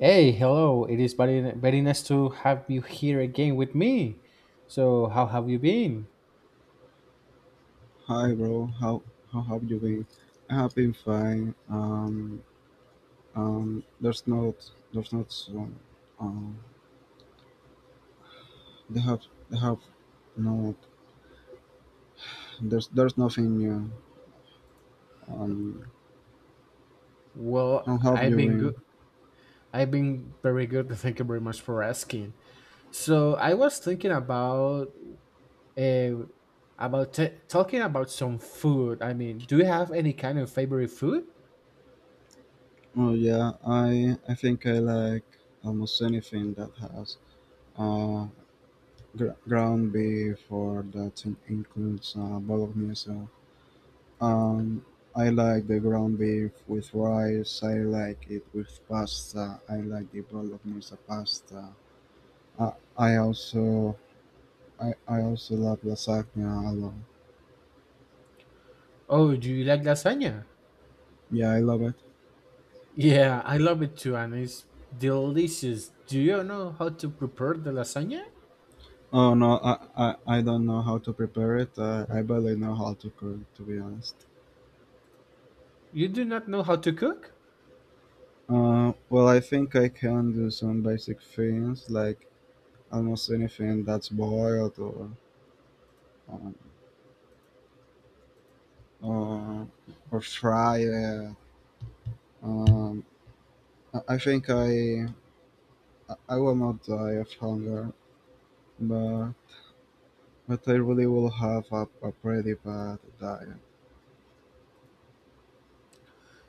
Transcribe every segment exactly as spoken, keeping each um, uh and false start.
Hey, hello. It is very, very nice to have you here again with me. So, how have you been? Hi bro, how how have you been? I have been fine. Um, um, there's not there's not so, um, they have they have no there's there's nothing new. Um, Well, how have I've you been good. been? I've been very good. Thank you very much for asking. So I was thinking about uh, about t- talking about some food. I mean, do you have any kind of favorite food? Oh yeah, I I think I like almost anything that has uh gr- ground beef or that in- includes uh, bolognese. Um, I like the ground beef with rice. I like it with pasta. I like the bolognese pasta. I, I also I, I also love lasagna a lot. Oh, do you like lasagna? Yeah, I love it. Yeah, I love it too, and it's delicious. Do you know how to prepare the lasagna? Oh no, I, I, I don't know how to prepare it. I, I barely know how to cook, to be honest. You do not know how to cook? Uh, well, I think I can do some basic things like almost anything that's boiled or um, or, or fried. Um, I I think I I will not die of hunger, but but I really will have a, a pretty bad diet.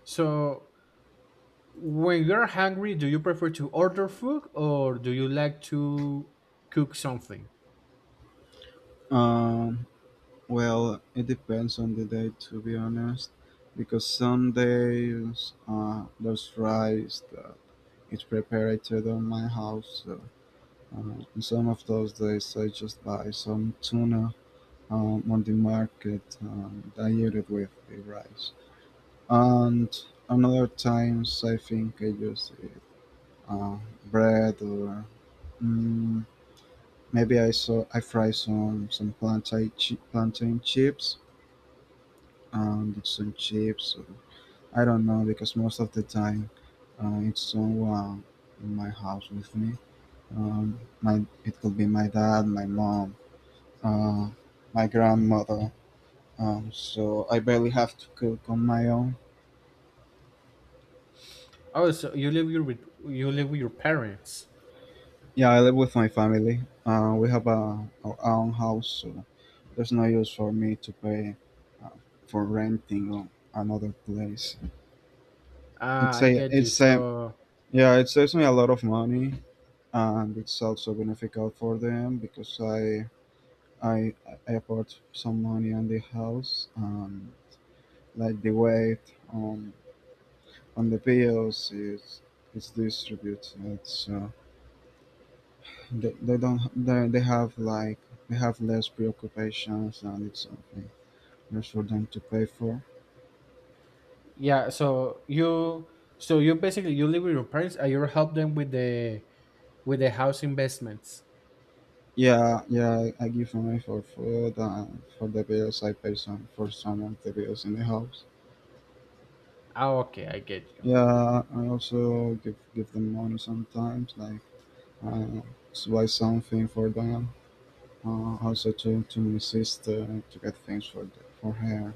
So, when you're hungry, do you prefer to order food or do you like to cook something? Um, well, it depends on the day, to be honest, because some days uh, there's rice that is prepared on my house. So, uh, and some of those days I just buy some tuna um, on the market and I eat it with the rice. And on other times, I think I just eat uh, bread or mm, maybe I saw I fry some some plantain chi- plantain chips and some chips. Or, I don't know because most of the time uh, it's someone in my house with me. Um, my it could be my dad, my mom, uh, my grandmother. Um, so I barely have to cook on my own. Oh, so you live your with you live with your parents. Yeah, I live with my family. Uh, we have a, our own house, so there's no use for me to pay uh, for renting on another place. Ah, It's I a, get you. it's a, So, yeah, it saves me a lot of money, and it's also beneficial for them because I, I, I put some money on the house, and like the weight on on the bills is is distributed. So they, they don't, they, they have like they have less preoccupations, and it's something less for them to pay for. yeah, so you so you basically you live with your parents and you help them with the with the house investments. Yeah, yeah, I give money for food and for the bills. I pay some for some of the bills in the house. Ah, okay, I get you. Yeah, I also give give them money sometimes, like uh, s- buy something for them. Uh, also to to my sister to get things for the, for her.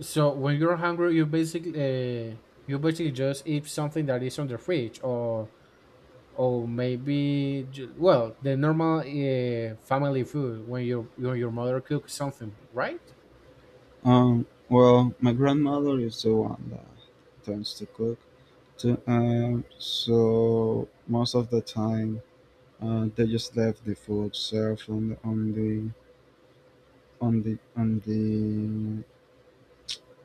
So when you're hungry, you basically uh, you basically just eat something that is on the fridge, or or maybe ju- well, the normal uh, family food when your your your mother cooks something, right? Um, well, my grandmother is the one that tends to cook. To, um, so most of the time, uh, they just left the food served on the on the on the on the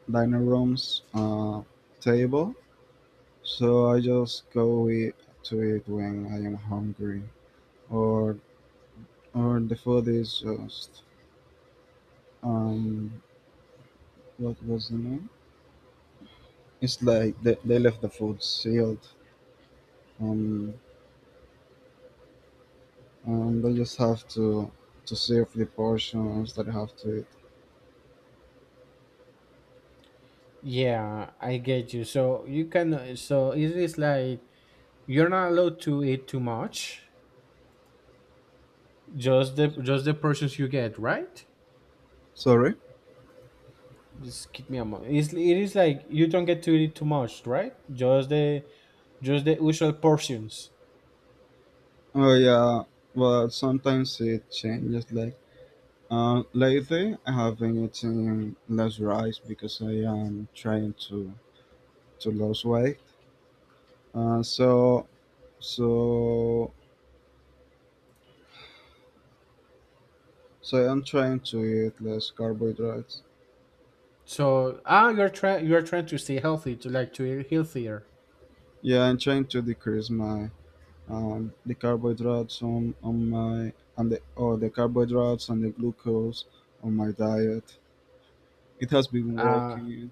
dining room's uh, table, so I just go eat to it when I am hungry, or or the food is just um what was the name? It's like they, they left the food sealed, um, and I just have to to serve the portions that I have to eat. Yeah, I get you. So you can, so it is like you're not allowed to eat too much, just the just the portions you get, right? Sorry. Just give me a moment. It's, it is like you don't get to eat too much, right? Just the just the usual portions. Oh yeah, but sometimes it changes like Uh, lately, I have been eating less rice because I am trying to to lose weight. Uh, so so so I'm trying to eat less carbohydrates. So, ah you're trying, you're trying to stay healthy, to like to eat healthier. Yeah, I'm trying to decrease my um, the carbohydrates on, on my and the or the carbohydrates and the glucose on my diet. It has been Ah. working.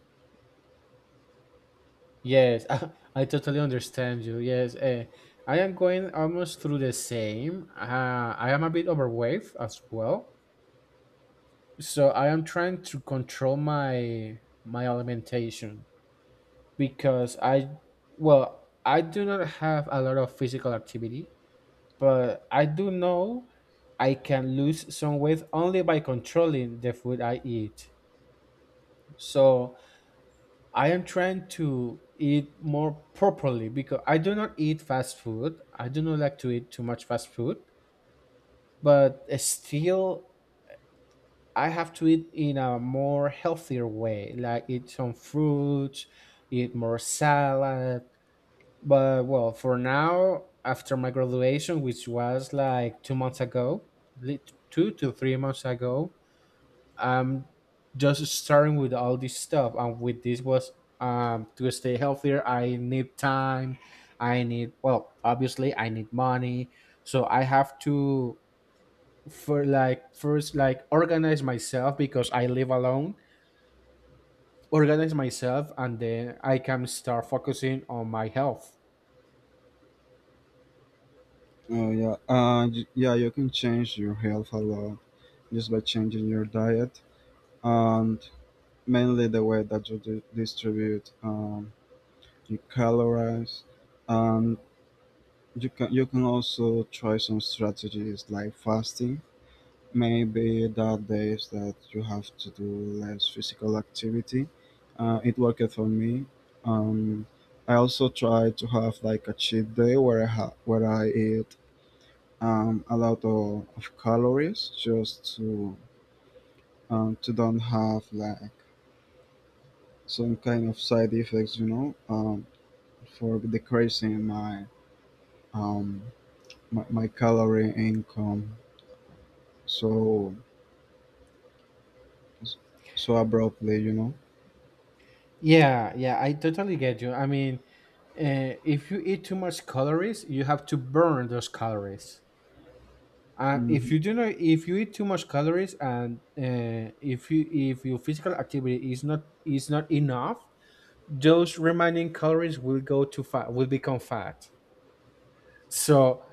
Yes, I, I totally understand you. Yes, uh, I am going almost through the same. Uh, I am a bit overweight as well, so I am trying to control my my alimentation because I, well, I do not have a lot of physical activity, but I do know I can lose some weight only by controlling the food I eat. So I am trying to eat more properly because I do not eat fast food. I do not like to eat too much fast food, but still I have to eat in a more healthier way, like eat some fruits, eat more salad. But well, for now, after my graduation, which was like two months ago, lit- two to three months ago, I'm just starting with all this stuff, and with this was um to stay healthier. I need time. I need Well, obviously, I need money. So I have to, for like first, like organize myself because I live alone. Organize myself, and then I can start focusing on my health. Uh, yeah, uh, y- yeah, you can change your health a lot just by changing your diet and mainly the way that you di- distribute um, your calories. And you can you can also try some strategies like fasting. Maybe that days that you have to do less physical activity. Uh, it worked for me. Um, I also try to have like a cheat day where I ha- where I eat um, a lot of, of calories just to um, to don't have like some kind of side effects, you know. Um, for decreasing my um my, my calorie income so so abruptly, you know. Yeah, yeah, I totally get you. I mean, uh, if you eat too much calories, you have to burn those calories. And if Hmm. you do not, if you eat too much calories, and uh, if you if your physical activity is not is not enough, those remaining calories will go to fat, will become fat. So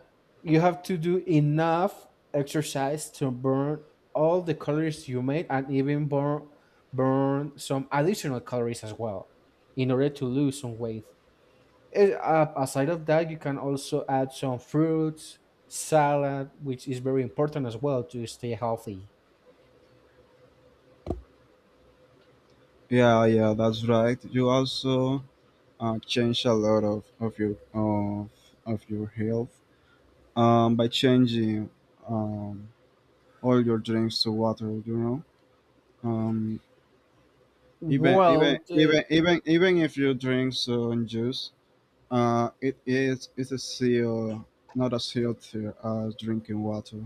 you have to do enough exercise to burn all the calories you made, and even burn burn some additional calories as well, in order to lose some weight. Eh, uh, aside of that, you can also add some fruits, salad, which is very important as well to stay healthy. Yeah, yeah, that's right. You also uh, change a lot of of your of of your health um by changing um all your drinks to water, you know. um even even Well, uh, even even Even if you drink some juice, uh it is it's a seal not as healthy as drinking water.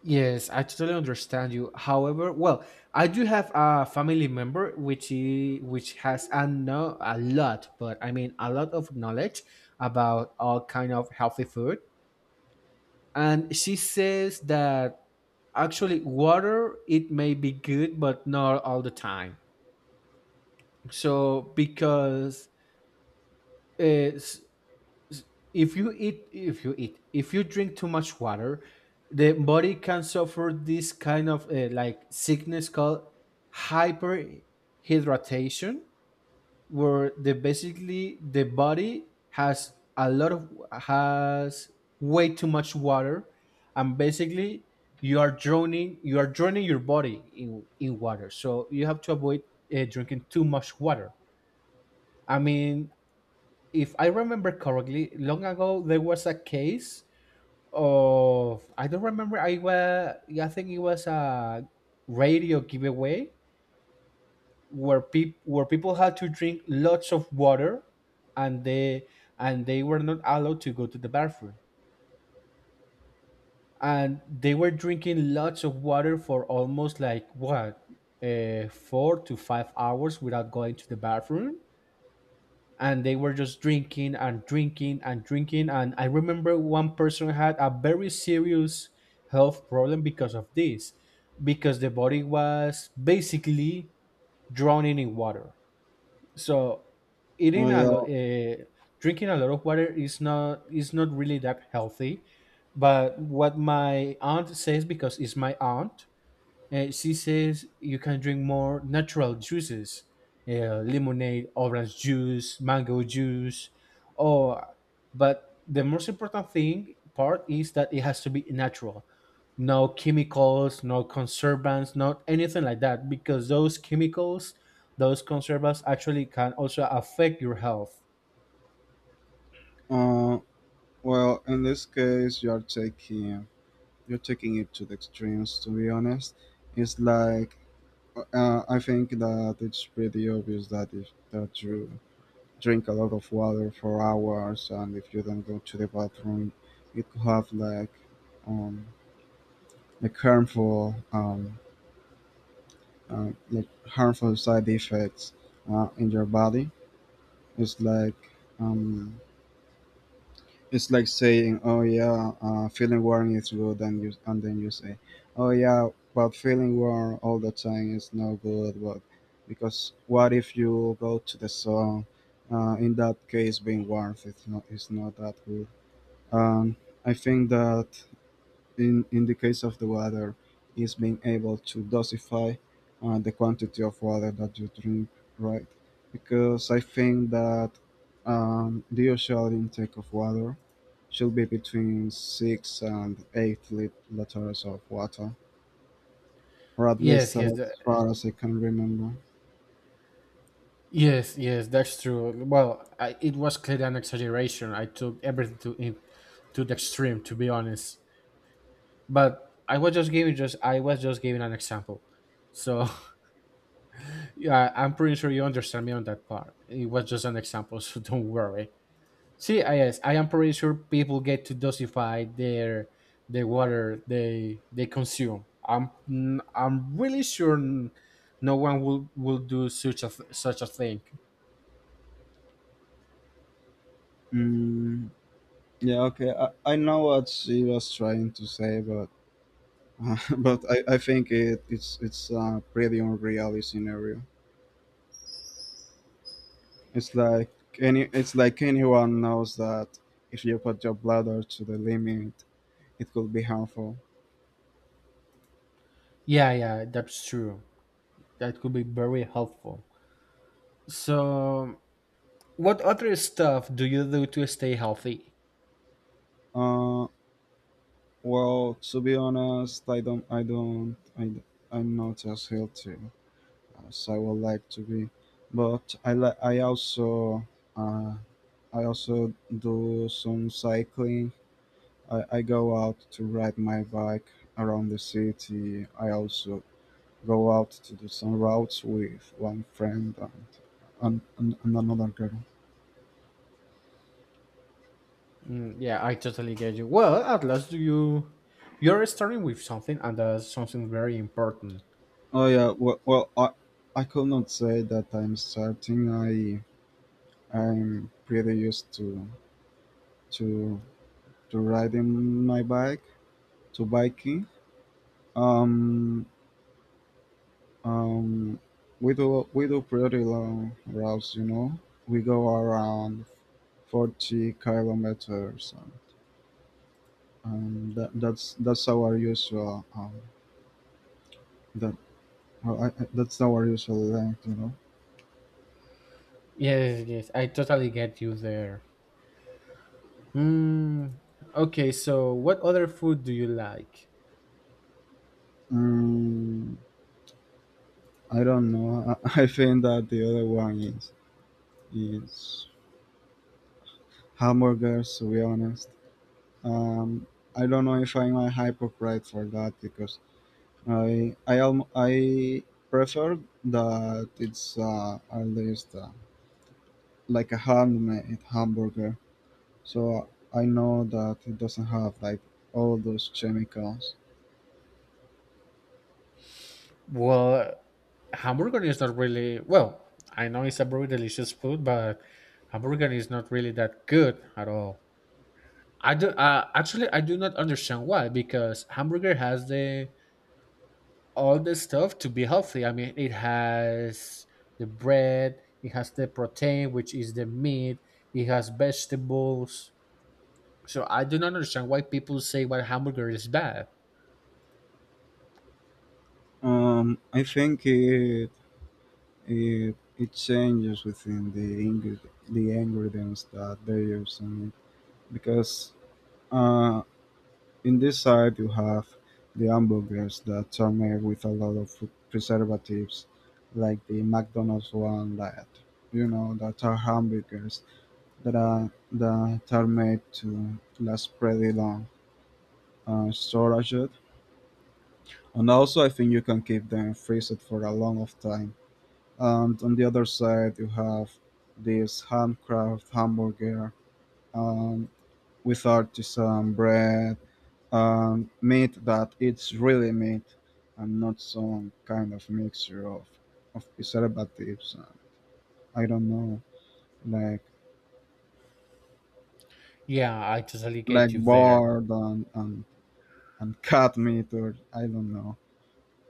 yes, I totally understand you. However, well, I do have a family member which i- which has a no, a lot, but I mean a lot of knowledge about all kind of healthy food, and she says that actually water it may be good, but not all the time. So, because uh, s- s- if you eat if you eat if you drink too much water, the body can suffer this kind of uh, like sickness called hyperhydratation, where the basically the body has a lot of has way too much water, and basically you are drowning you are drowning your body in in water, so you have to avoid uh, drinking too much water. I mean, if I remember correctly, long ago there was a case of, I don't remember, I was I think it was a radio giveaway where people where people had to drink lots of water, and they and they were not allowed to go to the bathroom, and they were drinking lots of water for almost like what, uh, four to five hours without going to the bathroom, and they were just drinking and drinking and drinking. And I remember one person had a very serious health problem because of this, because the body was basically drowning in water. So, eating Uh, a yeah, lot uh, drinking a lot of water is not is not really that healthy. But what my aunt says, because it's my aunt, uh, she says you can drink more natural juices, uh, lemonade, orange juice, mango juice, or but the most important thing part is that it has to be natural. No chemicals, no conservants, not anything like that, because those chemicals, those conservants actually can also affect your health. uh, well, in this case, you're taking you're taking it to the extremes. To be honest, it's like uh, I think that it's pretty obvious that if that you drink a lot of water for hours and if you don't go to the bathroom, it could have like um, like harmful um, uh, like harmful side effects uh, in your body. It's like um, it's like saying, "Oh yeah, uh, feeling warm is good," and you and then you say, "Oh yeah, but feeling warm all the time is no good." But because what if you go to the sun? Uh, in that case, being warm is not is not that good. Um, I think that in, in the case of the water is being able to dosify uh, the quantity of water that you drink, right? Because I think that um, the usual intake of water should be between six and eight lit- liters of water, or at least Yes, yes, as tha- far as I can remember. yes, yes. That's true. Well, I, it was clearly an exaggeration. I took everything to in, to the extreme, to be honest. But I was just giving, just I was just giving an example. So, yeah, I'm pretty sure you understand me on that part. It was just an example, so don't worry. See, I yes, I am pretty sure people get to dosify their the water they they consume. I'm n- I'm really sure, n- no one will will do such a th- such a thing. mm, yeah, okay, I, I know what she was trying to say, but but I, I think it, it's it's a pretty unreal scenario. It's like any it's like anyone knows that if you put your bladder to the limit, it could be harmful. Yeah, yeah, that's true. That could be very helpful. So, what other stuff do you do to stay healthy? Uh, well, to be honest, I don't, I don't, I, I'm not as healthy as I would like to be, but I like, I also, uh, I also do some cycling. I, I go out to ride my bike around the city. I also go out to do some routes with one friend and and, and, and another girl. Mm, yeah, I totally get you. Well, at last you you're starting with something, and that's something very important. Oh yeah, well, well I I could not say that I'm starting. I I'm pretty used to to to riding my bike, to biking. Um um we do we do pretty long routes, you know. We go around forty kilometers, and, and that, that's that's our usual um, that How I, I- that's our usual length, you know. Yes, yes, I totally get you there. Mm, okay, so what other food do you like? Um, I don't know. I, I think that the other one is is hamburgers. To be honest, um, I don't know if I'm a hypocrite for that because I I alm- I prefer that it's uh, at least uh, like a handmade hamburger. So I know that it doesn't have like all those chemicals. Well, hamburger is not really, well, I know it's a very delicious food, but hamburger is not really that good at all. I do uh, Actually, I do not understand why, because hamburger has the all the stuff to be healthy. I mean, it has the bread, it has the protein, which is the meat, it has vegetables. So I do not understand why people say what hamburger is bad. Um, I think it It, it changes within the ing- the ingredients that they use in it because uh, in this side you have the hamburgers that are made with a lot of food preservatives, like the McDonald's one, that you know, that are hamburgers that are that are made to last pretty long uh, storage, and also I think you can keep them freezed for a long of time. And on the other side you have this handcraft hamburger um, with artisan bread and meat that it's really meat, and not some kind of mixture of of preservatives and I don't know, like Yeah, I totally like get you there. bird and and, and cat meat, or I don't know.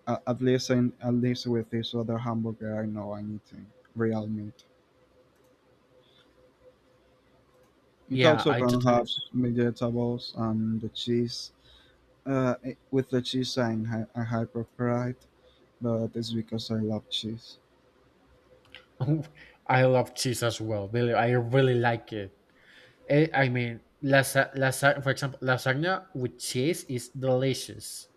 A- At least in at least with this other hamburger, I know I'm eating real meat. It Yeah, also I can totally. have vegetables and the cheese. Uh, eh, with the cheese, I'm hy- a hypercrite, but it's because I love cheese. I love cheese as well. Really, I really like it. Eh, I mean, lasa- lasa- for example, lasagna with cheese is delicious.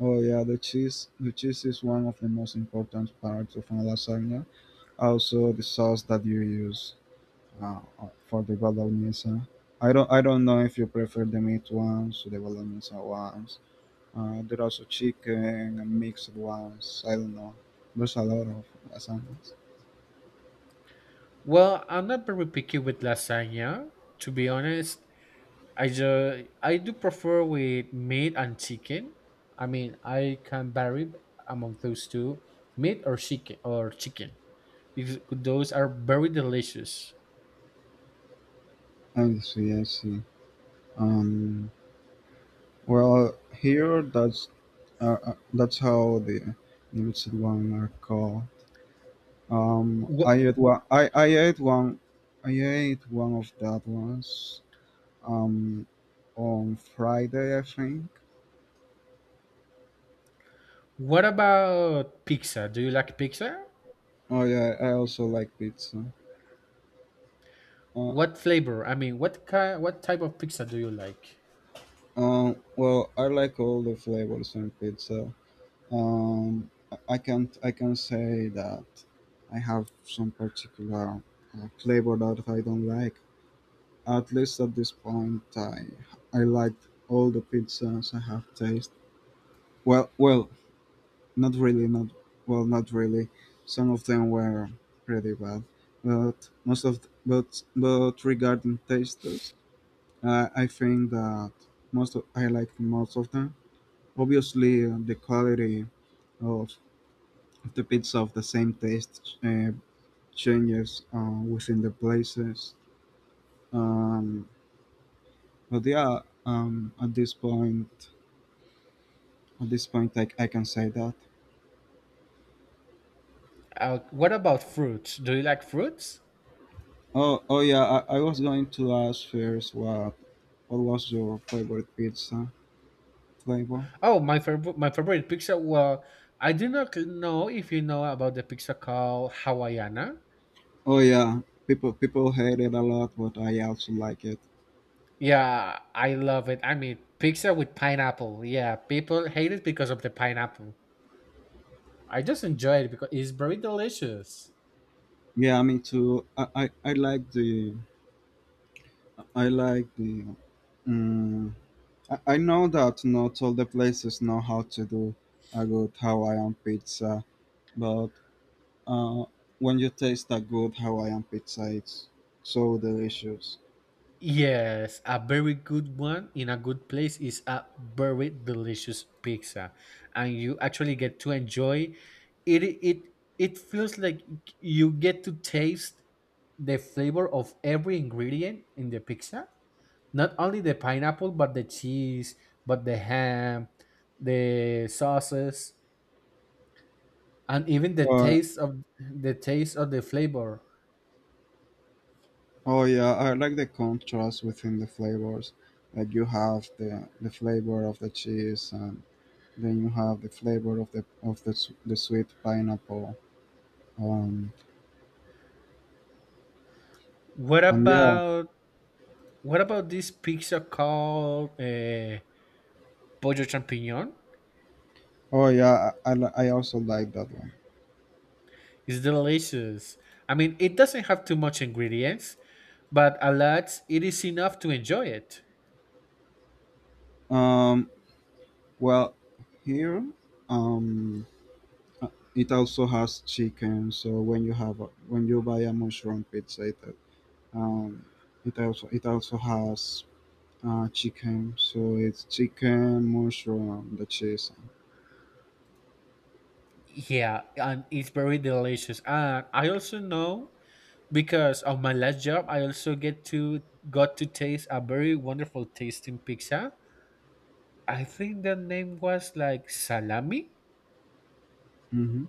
Oh yeah, the cheese. The cheese is one of the most important parts of a lasagna. Also, the sauce that you use uh, uh, for the bolognese. I don't. I don't know if you prefer the meat ones or the bolognese ones. Uh, there are also chicken and mixed ones. I don't know. There's a lot of lasagnas. Well, I'm not very picky with lasagna, to be honest. I just I do prefer with meat and chicken. I mean, I can vary among those two, meat or chicken or chicken, because those are very delicious. I see. I see. Um, Well, here that's uh, uh, that's how the limited one are called. Um, What I ate one. I, I ate one. I ate one of that ones. Um, on Friday, I think. What about pizza? Do you like pizza? Oh yeah, I also like pizza. Uh, What flavor? I mean, what kind, what type of pizza do you like? um, well, I like all the flavors in pizza. Um, I can't I can say that I have some particular uh, flavor that I don't like. At least at this point, I I liked all the pizzas I have tasted. Well, well, not really, not well, not really. Some of them were pretty bad, but most of but but regarding tastes, uh, I think that most of, I liked most of them. Obviously, uh, the quality of of the pizza of the same taste uh, changes uh, within the places. Um, but yeah, um, at this point, at this point, like I can say that. Uh, what about fruits? Do you like fruits? Oh, oh yeah, I, I was going to ask first what what was your favorite pizza flavor? Oh, my favorite my favorite pizza. Well, I do not know if you know about the pizza called Hawaiiana. Oh yeah, people people hate it a lot, but I also like it. Yeah, I love it. I mean, pizza with pineapple. Yeah, people hate it because of the pineapple. I just enjoy it because it's very delicious. Yeah, me too. I I, I like the I like the. Um, I, I know that not all the places know how to do a good Hawaiian pizza, but uh, when you taste a good Hawaiian pizza, it's so delicious. Yes, a very good one in a good place is a very delicious pizza, and you actually get to enjoy it. It it feels like you get to taste the flavor of every ingredient in the pizza. Not only the pineapple, but the cheese, but the ham, the sauces, and even the taste of the taste of the flavor. Oh yeah, I like the contrast within the flavors. Like you have the the flavor of the cheese, and then you have the flavor of the of the s- the sweet pineapple. Um, What and yeah. about what about this pizza called uh, pollo champignon? Oh yeah, I, I li- I also like that one. It's delicious. I mean, it doesn't have too much ingredients, but a lot it is enough to enjoy it. Um, well, here, um, uh, it also has chicken. So when you have a, when you buy a mushroom pizza, it um, it also it also has Uh, chicken. So it's chicken, mushroom, the cheese. Yeah, and it's very delicious. And I also know, because of my last job, I also get to got to taste a very wonderful tasting pizza. I think the name was like salami. Mm-hmm.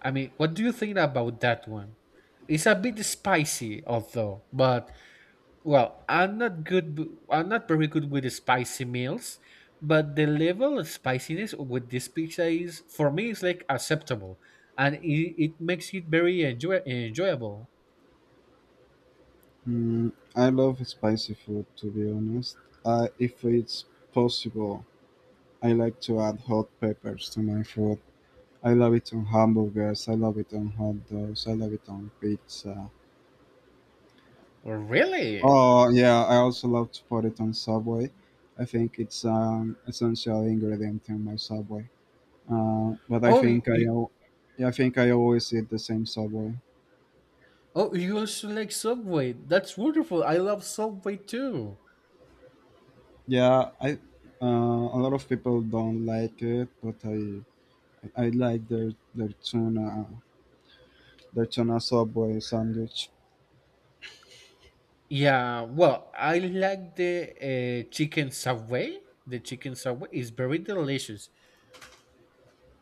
I mean, what do you think about that one? It's a bit spicy, although, but well, I'm not good, w- I'm not very good with the spicy meals, but the level of spiciness with this pizza is, for me, is like acceptable, and it, it makes it very enjoy, enjoyable. Mm, I love spicy food, to be honest. Uh, if it's possible, I like to add hot peppers to my food. I love it on hamburgers. I love it on hot dogs. I love it on pizza. Really? Oh yeah, I also love to put it on Subway. I think it's um essential ingredient in my Subway. Uh, but I Oh, you, think I, you, al- Yeah, I think I always eat the same Subway. oh, you also like Subway? That's wonderful. I love Subway too. Yeah, I uh, a lot of people don't like it, but I I like their their tuna their tuna subway sandwich. Yeah, well, I like the uh, chicken subway. The chicken subway is very delicious.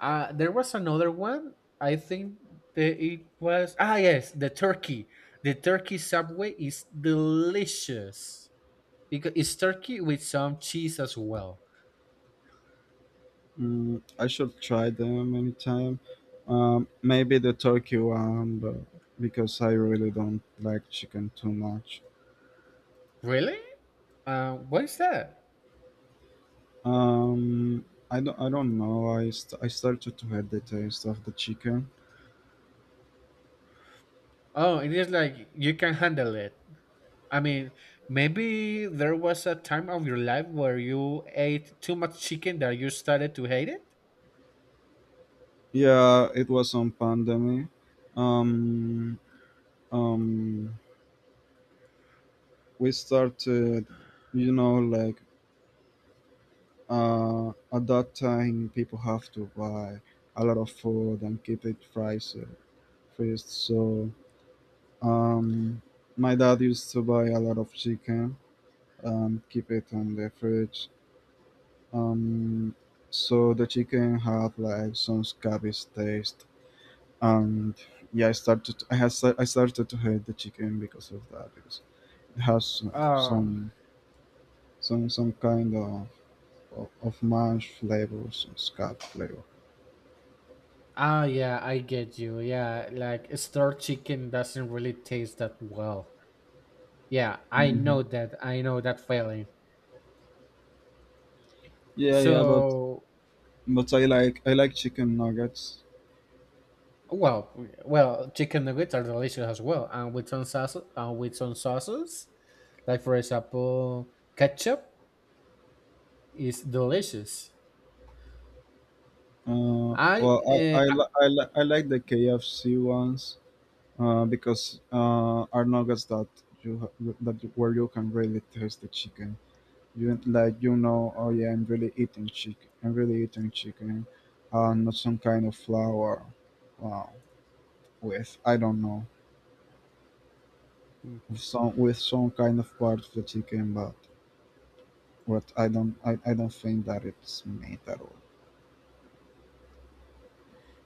Uh, there was another one. I think that it was, ah yes, the turkey. The turkey subway is delicious because it's turkey with some cheese as well. Mm, I should try them anytime. Um, maybe the turkey one, but because I really don't like chicken too much. Really? Uh, what is that? Um, I don't I don't know. I st- I started to hate the taste of the chicken. Oh, it is like you can handle it. I mean, maybe there was a time of your life where you ate too much chicken that you started to hate it. Yeah, it was on pandemic. Um, um, we started, you know like uh, at that time people have to buy a lot of food and keep it fries uh, freezed. So um, my dad used to buy a lot of chicken and keep it in the fridge. Um, so the chicken had like some cabbage taste, and yeah, i started i has i started to hate the chicken because of that, because it has some Oh, some some, some kind of of, of mash flavors and scalp flavor. ah, yeah, I get you. Yeah, like store chicken doesn't really taste that well. Yeah, I know Hmm. that. I know that feeling. Yeah, yeah, but So, but I like I like chicken nuggets. well, well, chicken nuggets are delicious as well, and with some sauce, uh, with some sauces, like for example, ketchup is delicious. Uh, I, well, I I, uh, li- I, li- I like the K F C ones, uh, because uh, are nuggets that you ha- that you, where you can really taste the chicken. You like, you know, oh yeah, I'm really eating chicken, I'm really eating chicken, uh, not some kind of flour, uh, with I don't know, with some with some kind of part of the chicken, but But I don't I, I don't think that it's made at all.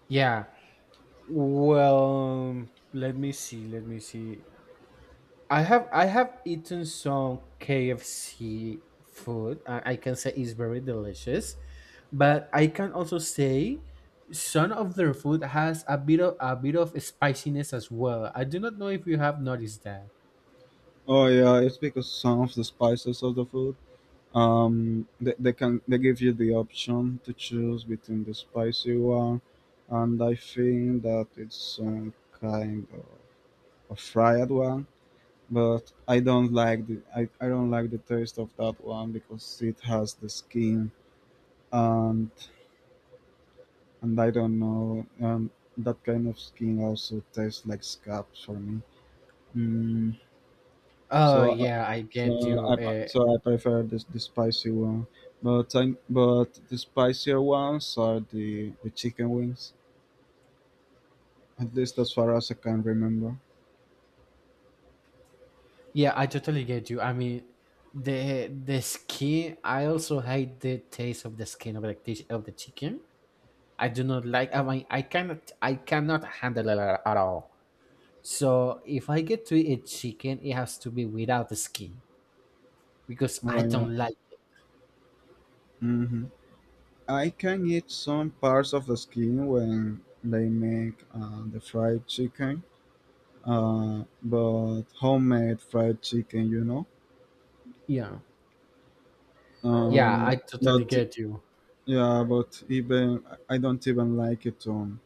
yeah. Well, let me see. Let me see. I have I have eaten some K F C food. I, I can say it's very delicious, but I can also say some of their food has a bit of a bit of spiciness as well. I do not know if you have noticed that. Oh yeah, it's because some of the spices of the food, um they, they can, they give you the option to choose between the spicy one, and I think that it's some kind of a fried one. But I don't like the I, I don't like the taste of that one because it has the skin, and and I don't know, um that kind of skin also tastes like scabs for me. Mm. Oh So, uh, yeah, I so get you. I Uh, so I prefer this the spicy one. But I, but the spicier ones are the, the chicken wings. At least as far as I can remember. Yeah, I totally get you. I mean, the the skin. I also hate the taste of the skin of the dish of the chicken. I do not like. I mean, I cannot. I cannot handle it at all. So if I get to eat chicken, it has to be without the skin because Oh I yeah. don't like. Hmm. I can eat some parts of the skin when they make uh, the fried chicken. Uh, but homemade fried chicken, you know. Yeah, yeah, Um, I totally but get you. yeah, but even I don't even like it on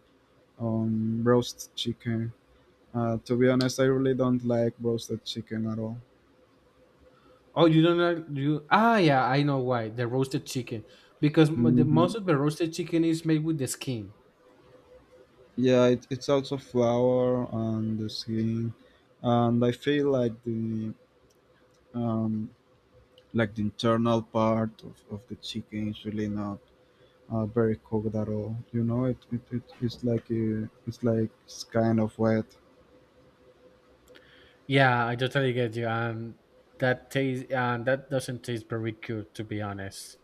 on roast chicken. Uh, to be honest, I really don't like roasted chicken at all. Oh, you don't like you? Ah, yeah, I know why the roasted chicken, because m- the Hmm. most of the roasted chicken is made with the skin. Yeah, it, it's also flour on the skin, and I feel like the um, like the internal part of, of the chicken is really not uh, very cooked at all. You know, it, it, it it's like a it's like it's kind of wet. Yeah, I totally get you. Um, that taste, um, that doesn't taste very good, to be honest.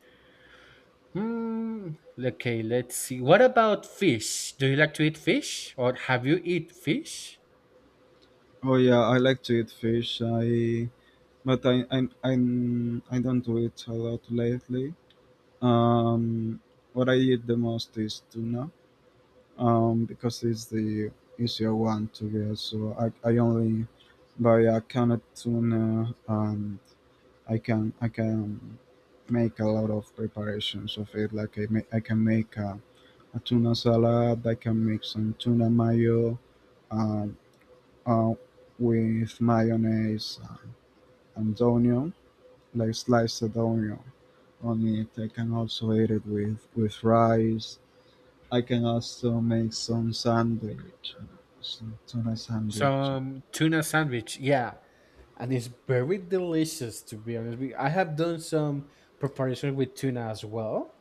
Hmm. Okay, let's see. What about fish? Do you like to eat fish, or have you eat fish? Oh yeah, I like to eat fish. I but I I'm, I'm I don't do it a lot lately. Um, what I eat the most is tuna, um, because it's the easier one to get. So I, I only buy a canned tuna. And I can I can make a lot of preparations of it. Like I, ma- I can make a, a tuna salad. I can make some tuna mayo, um, uh, with mayonnaise and onion, like sliced onion on it. I can also eat it with with rice. I can also make some sandwich, some tuna sandwich. Some tuna sandwich. Yeah, and it's very delicious, to be honest. with- you, I have done some preparation with tuna as well.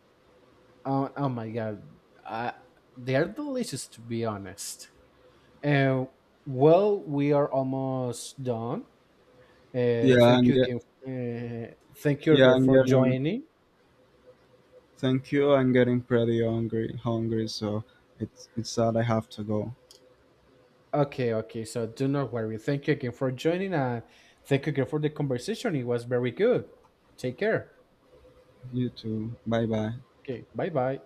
Oh, oh my god, I, they are delicious, to be honest. Uh, well, we are almost done. Uh, Yeah, Thank I'm you get again. Uh, Thank you yeah, again I'm for getting joining. thank you. I'm getting pretty hungry, hungry, so it's it's sad I have to go. Okay, okay. So do not worry. Thank you again for joining, and thank you again for the conversation. It was very good. Take care. You too. Bye bye. Okay, bye bye.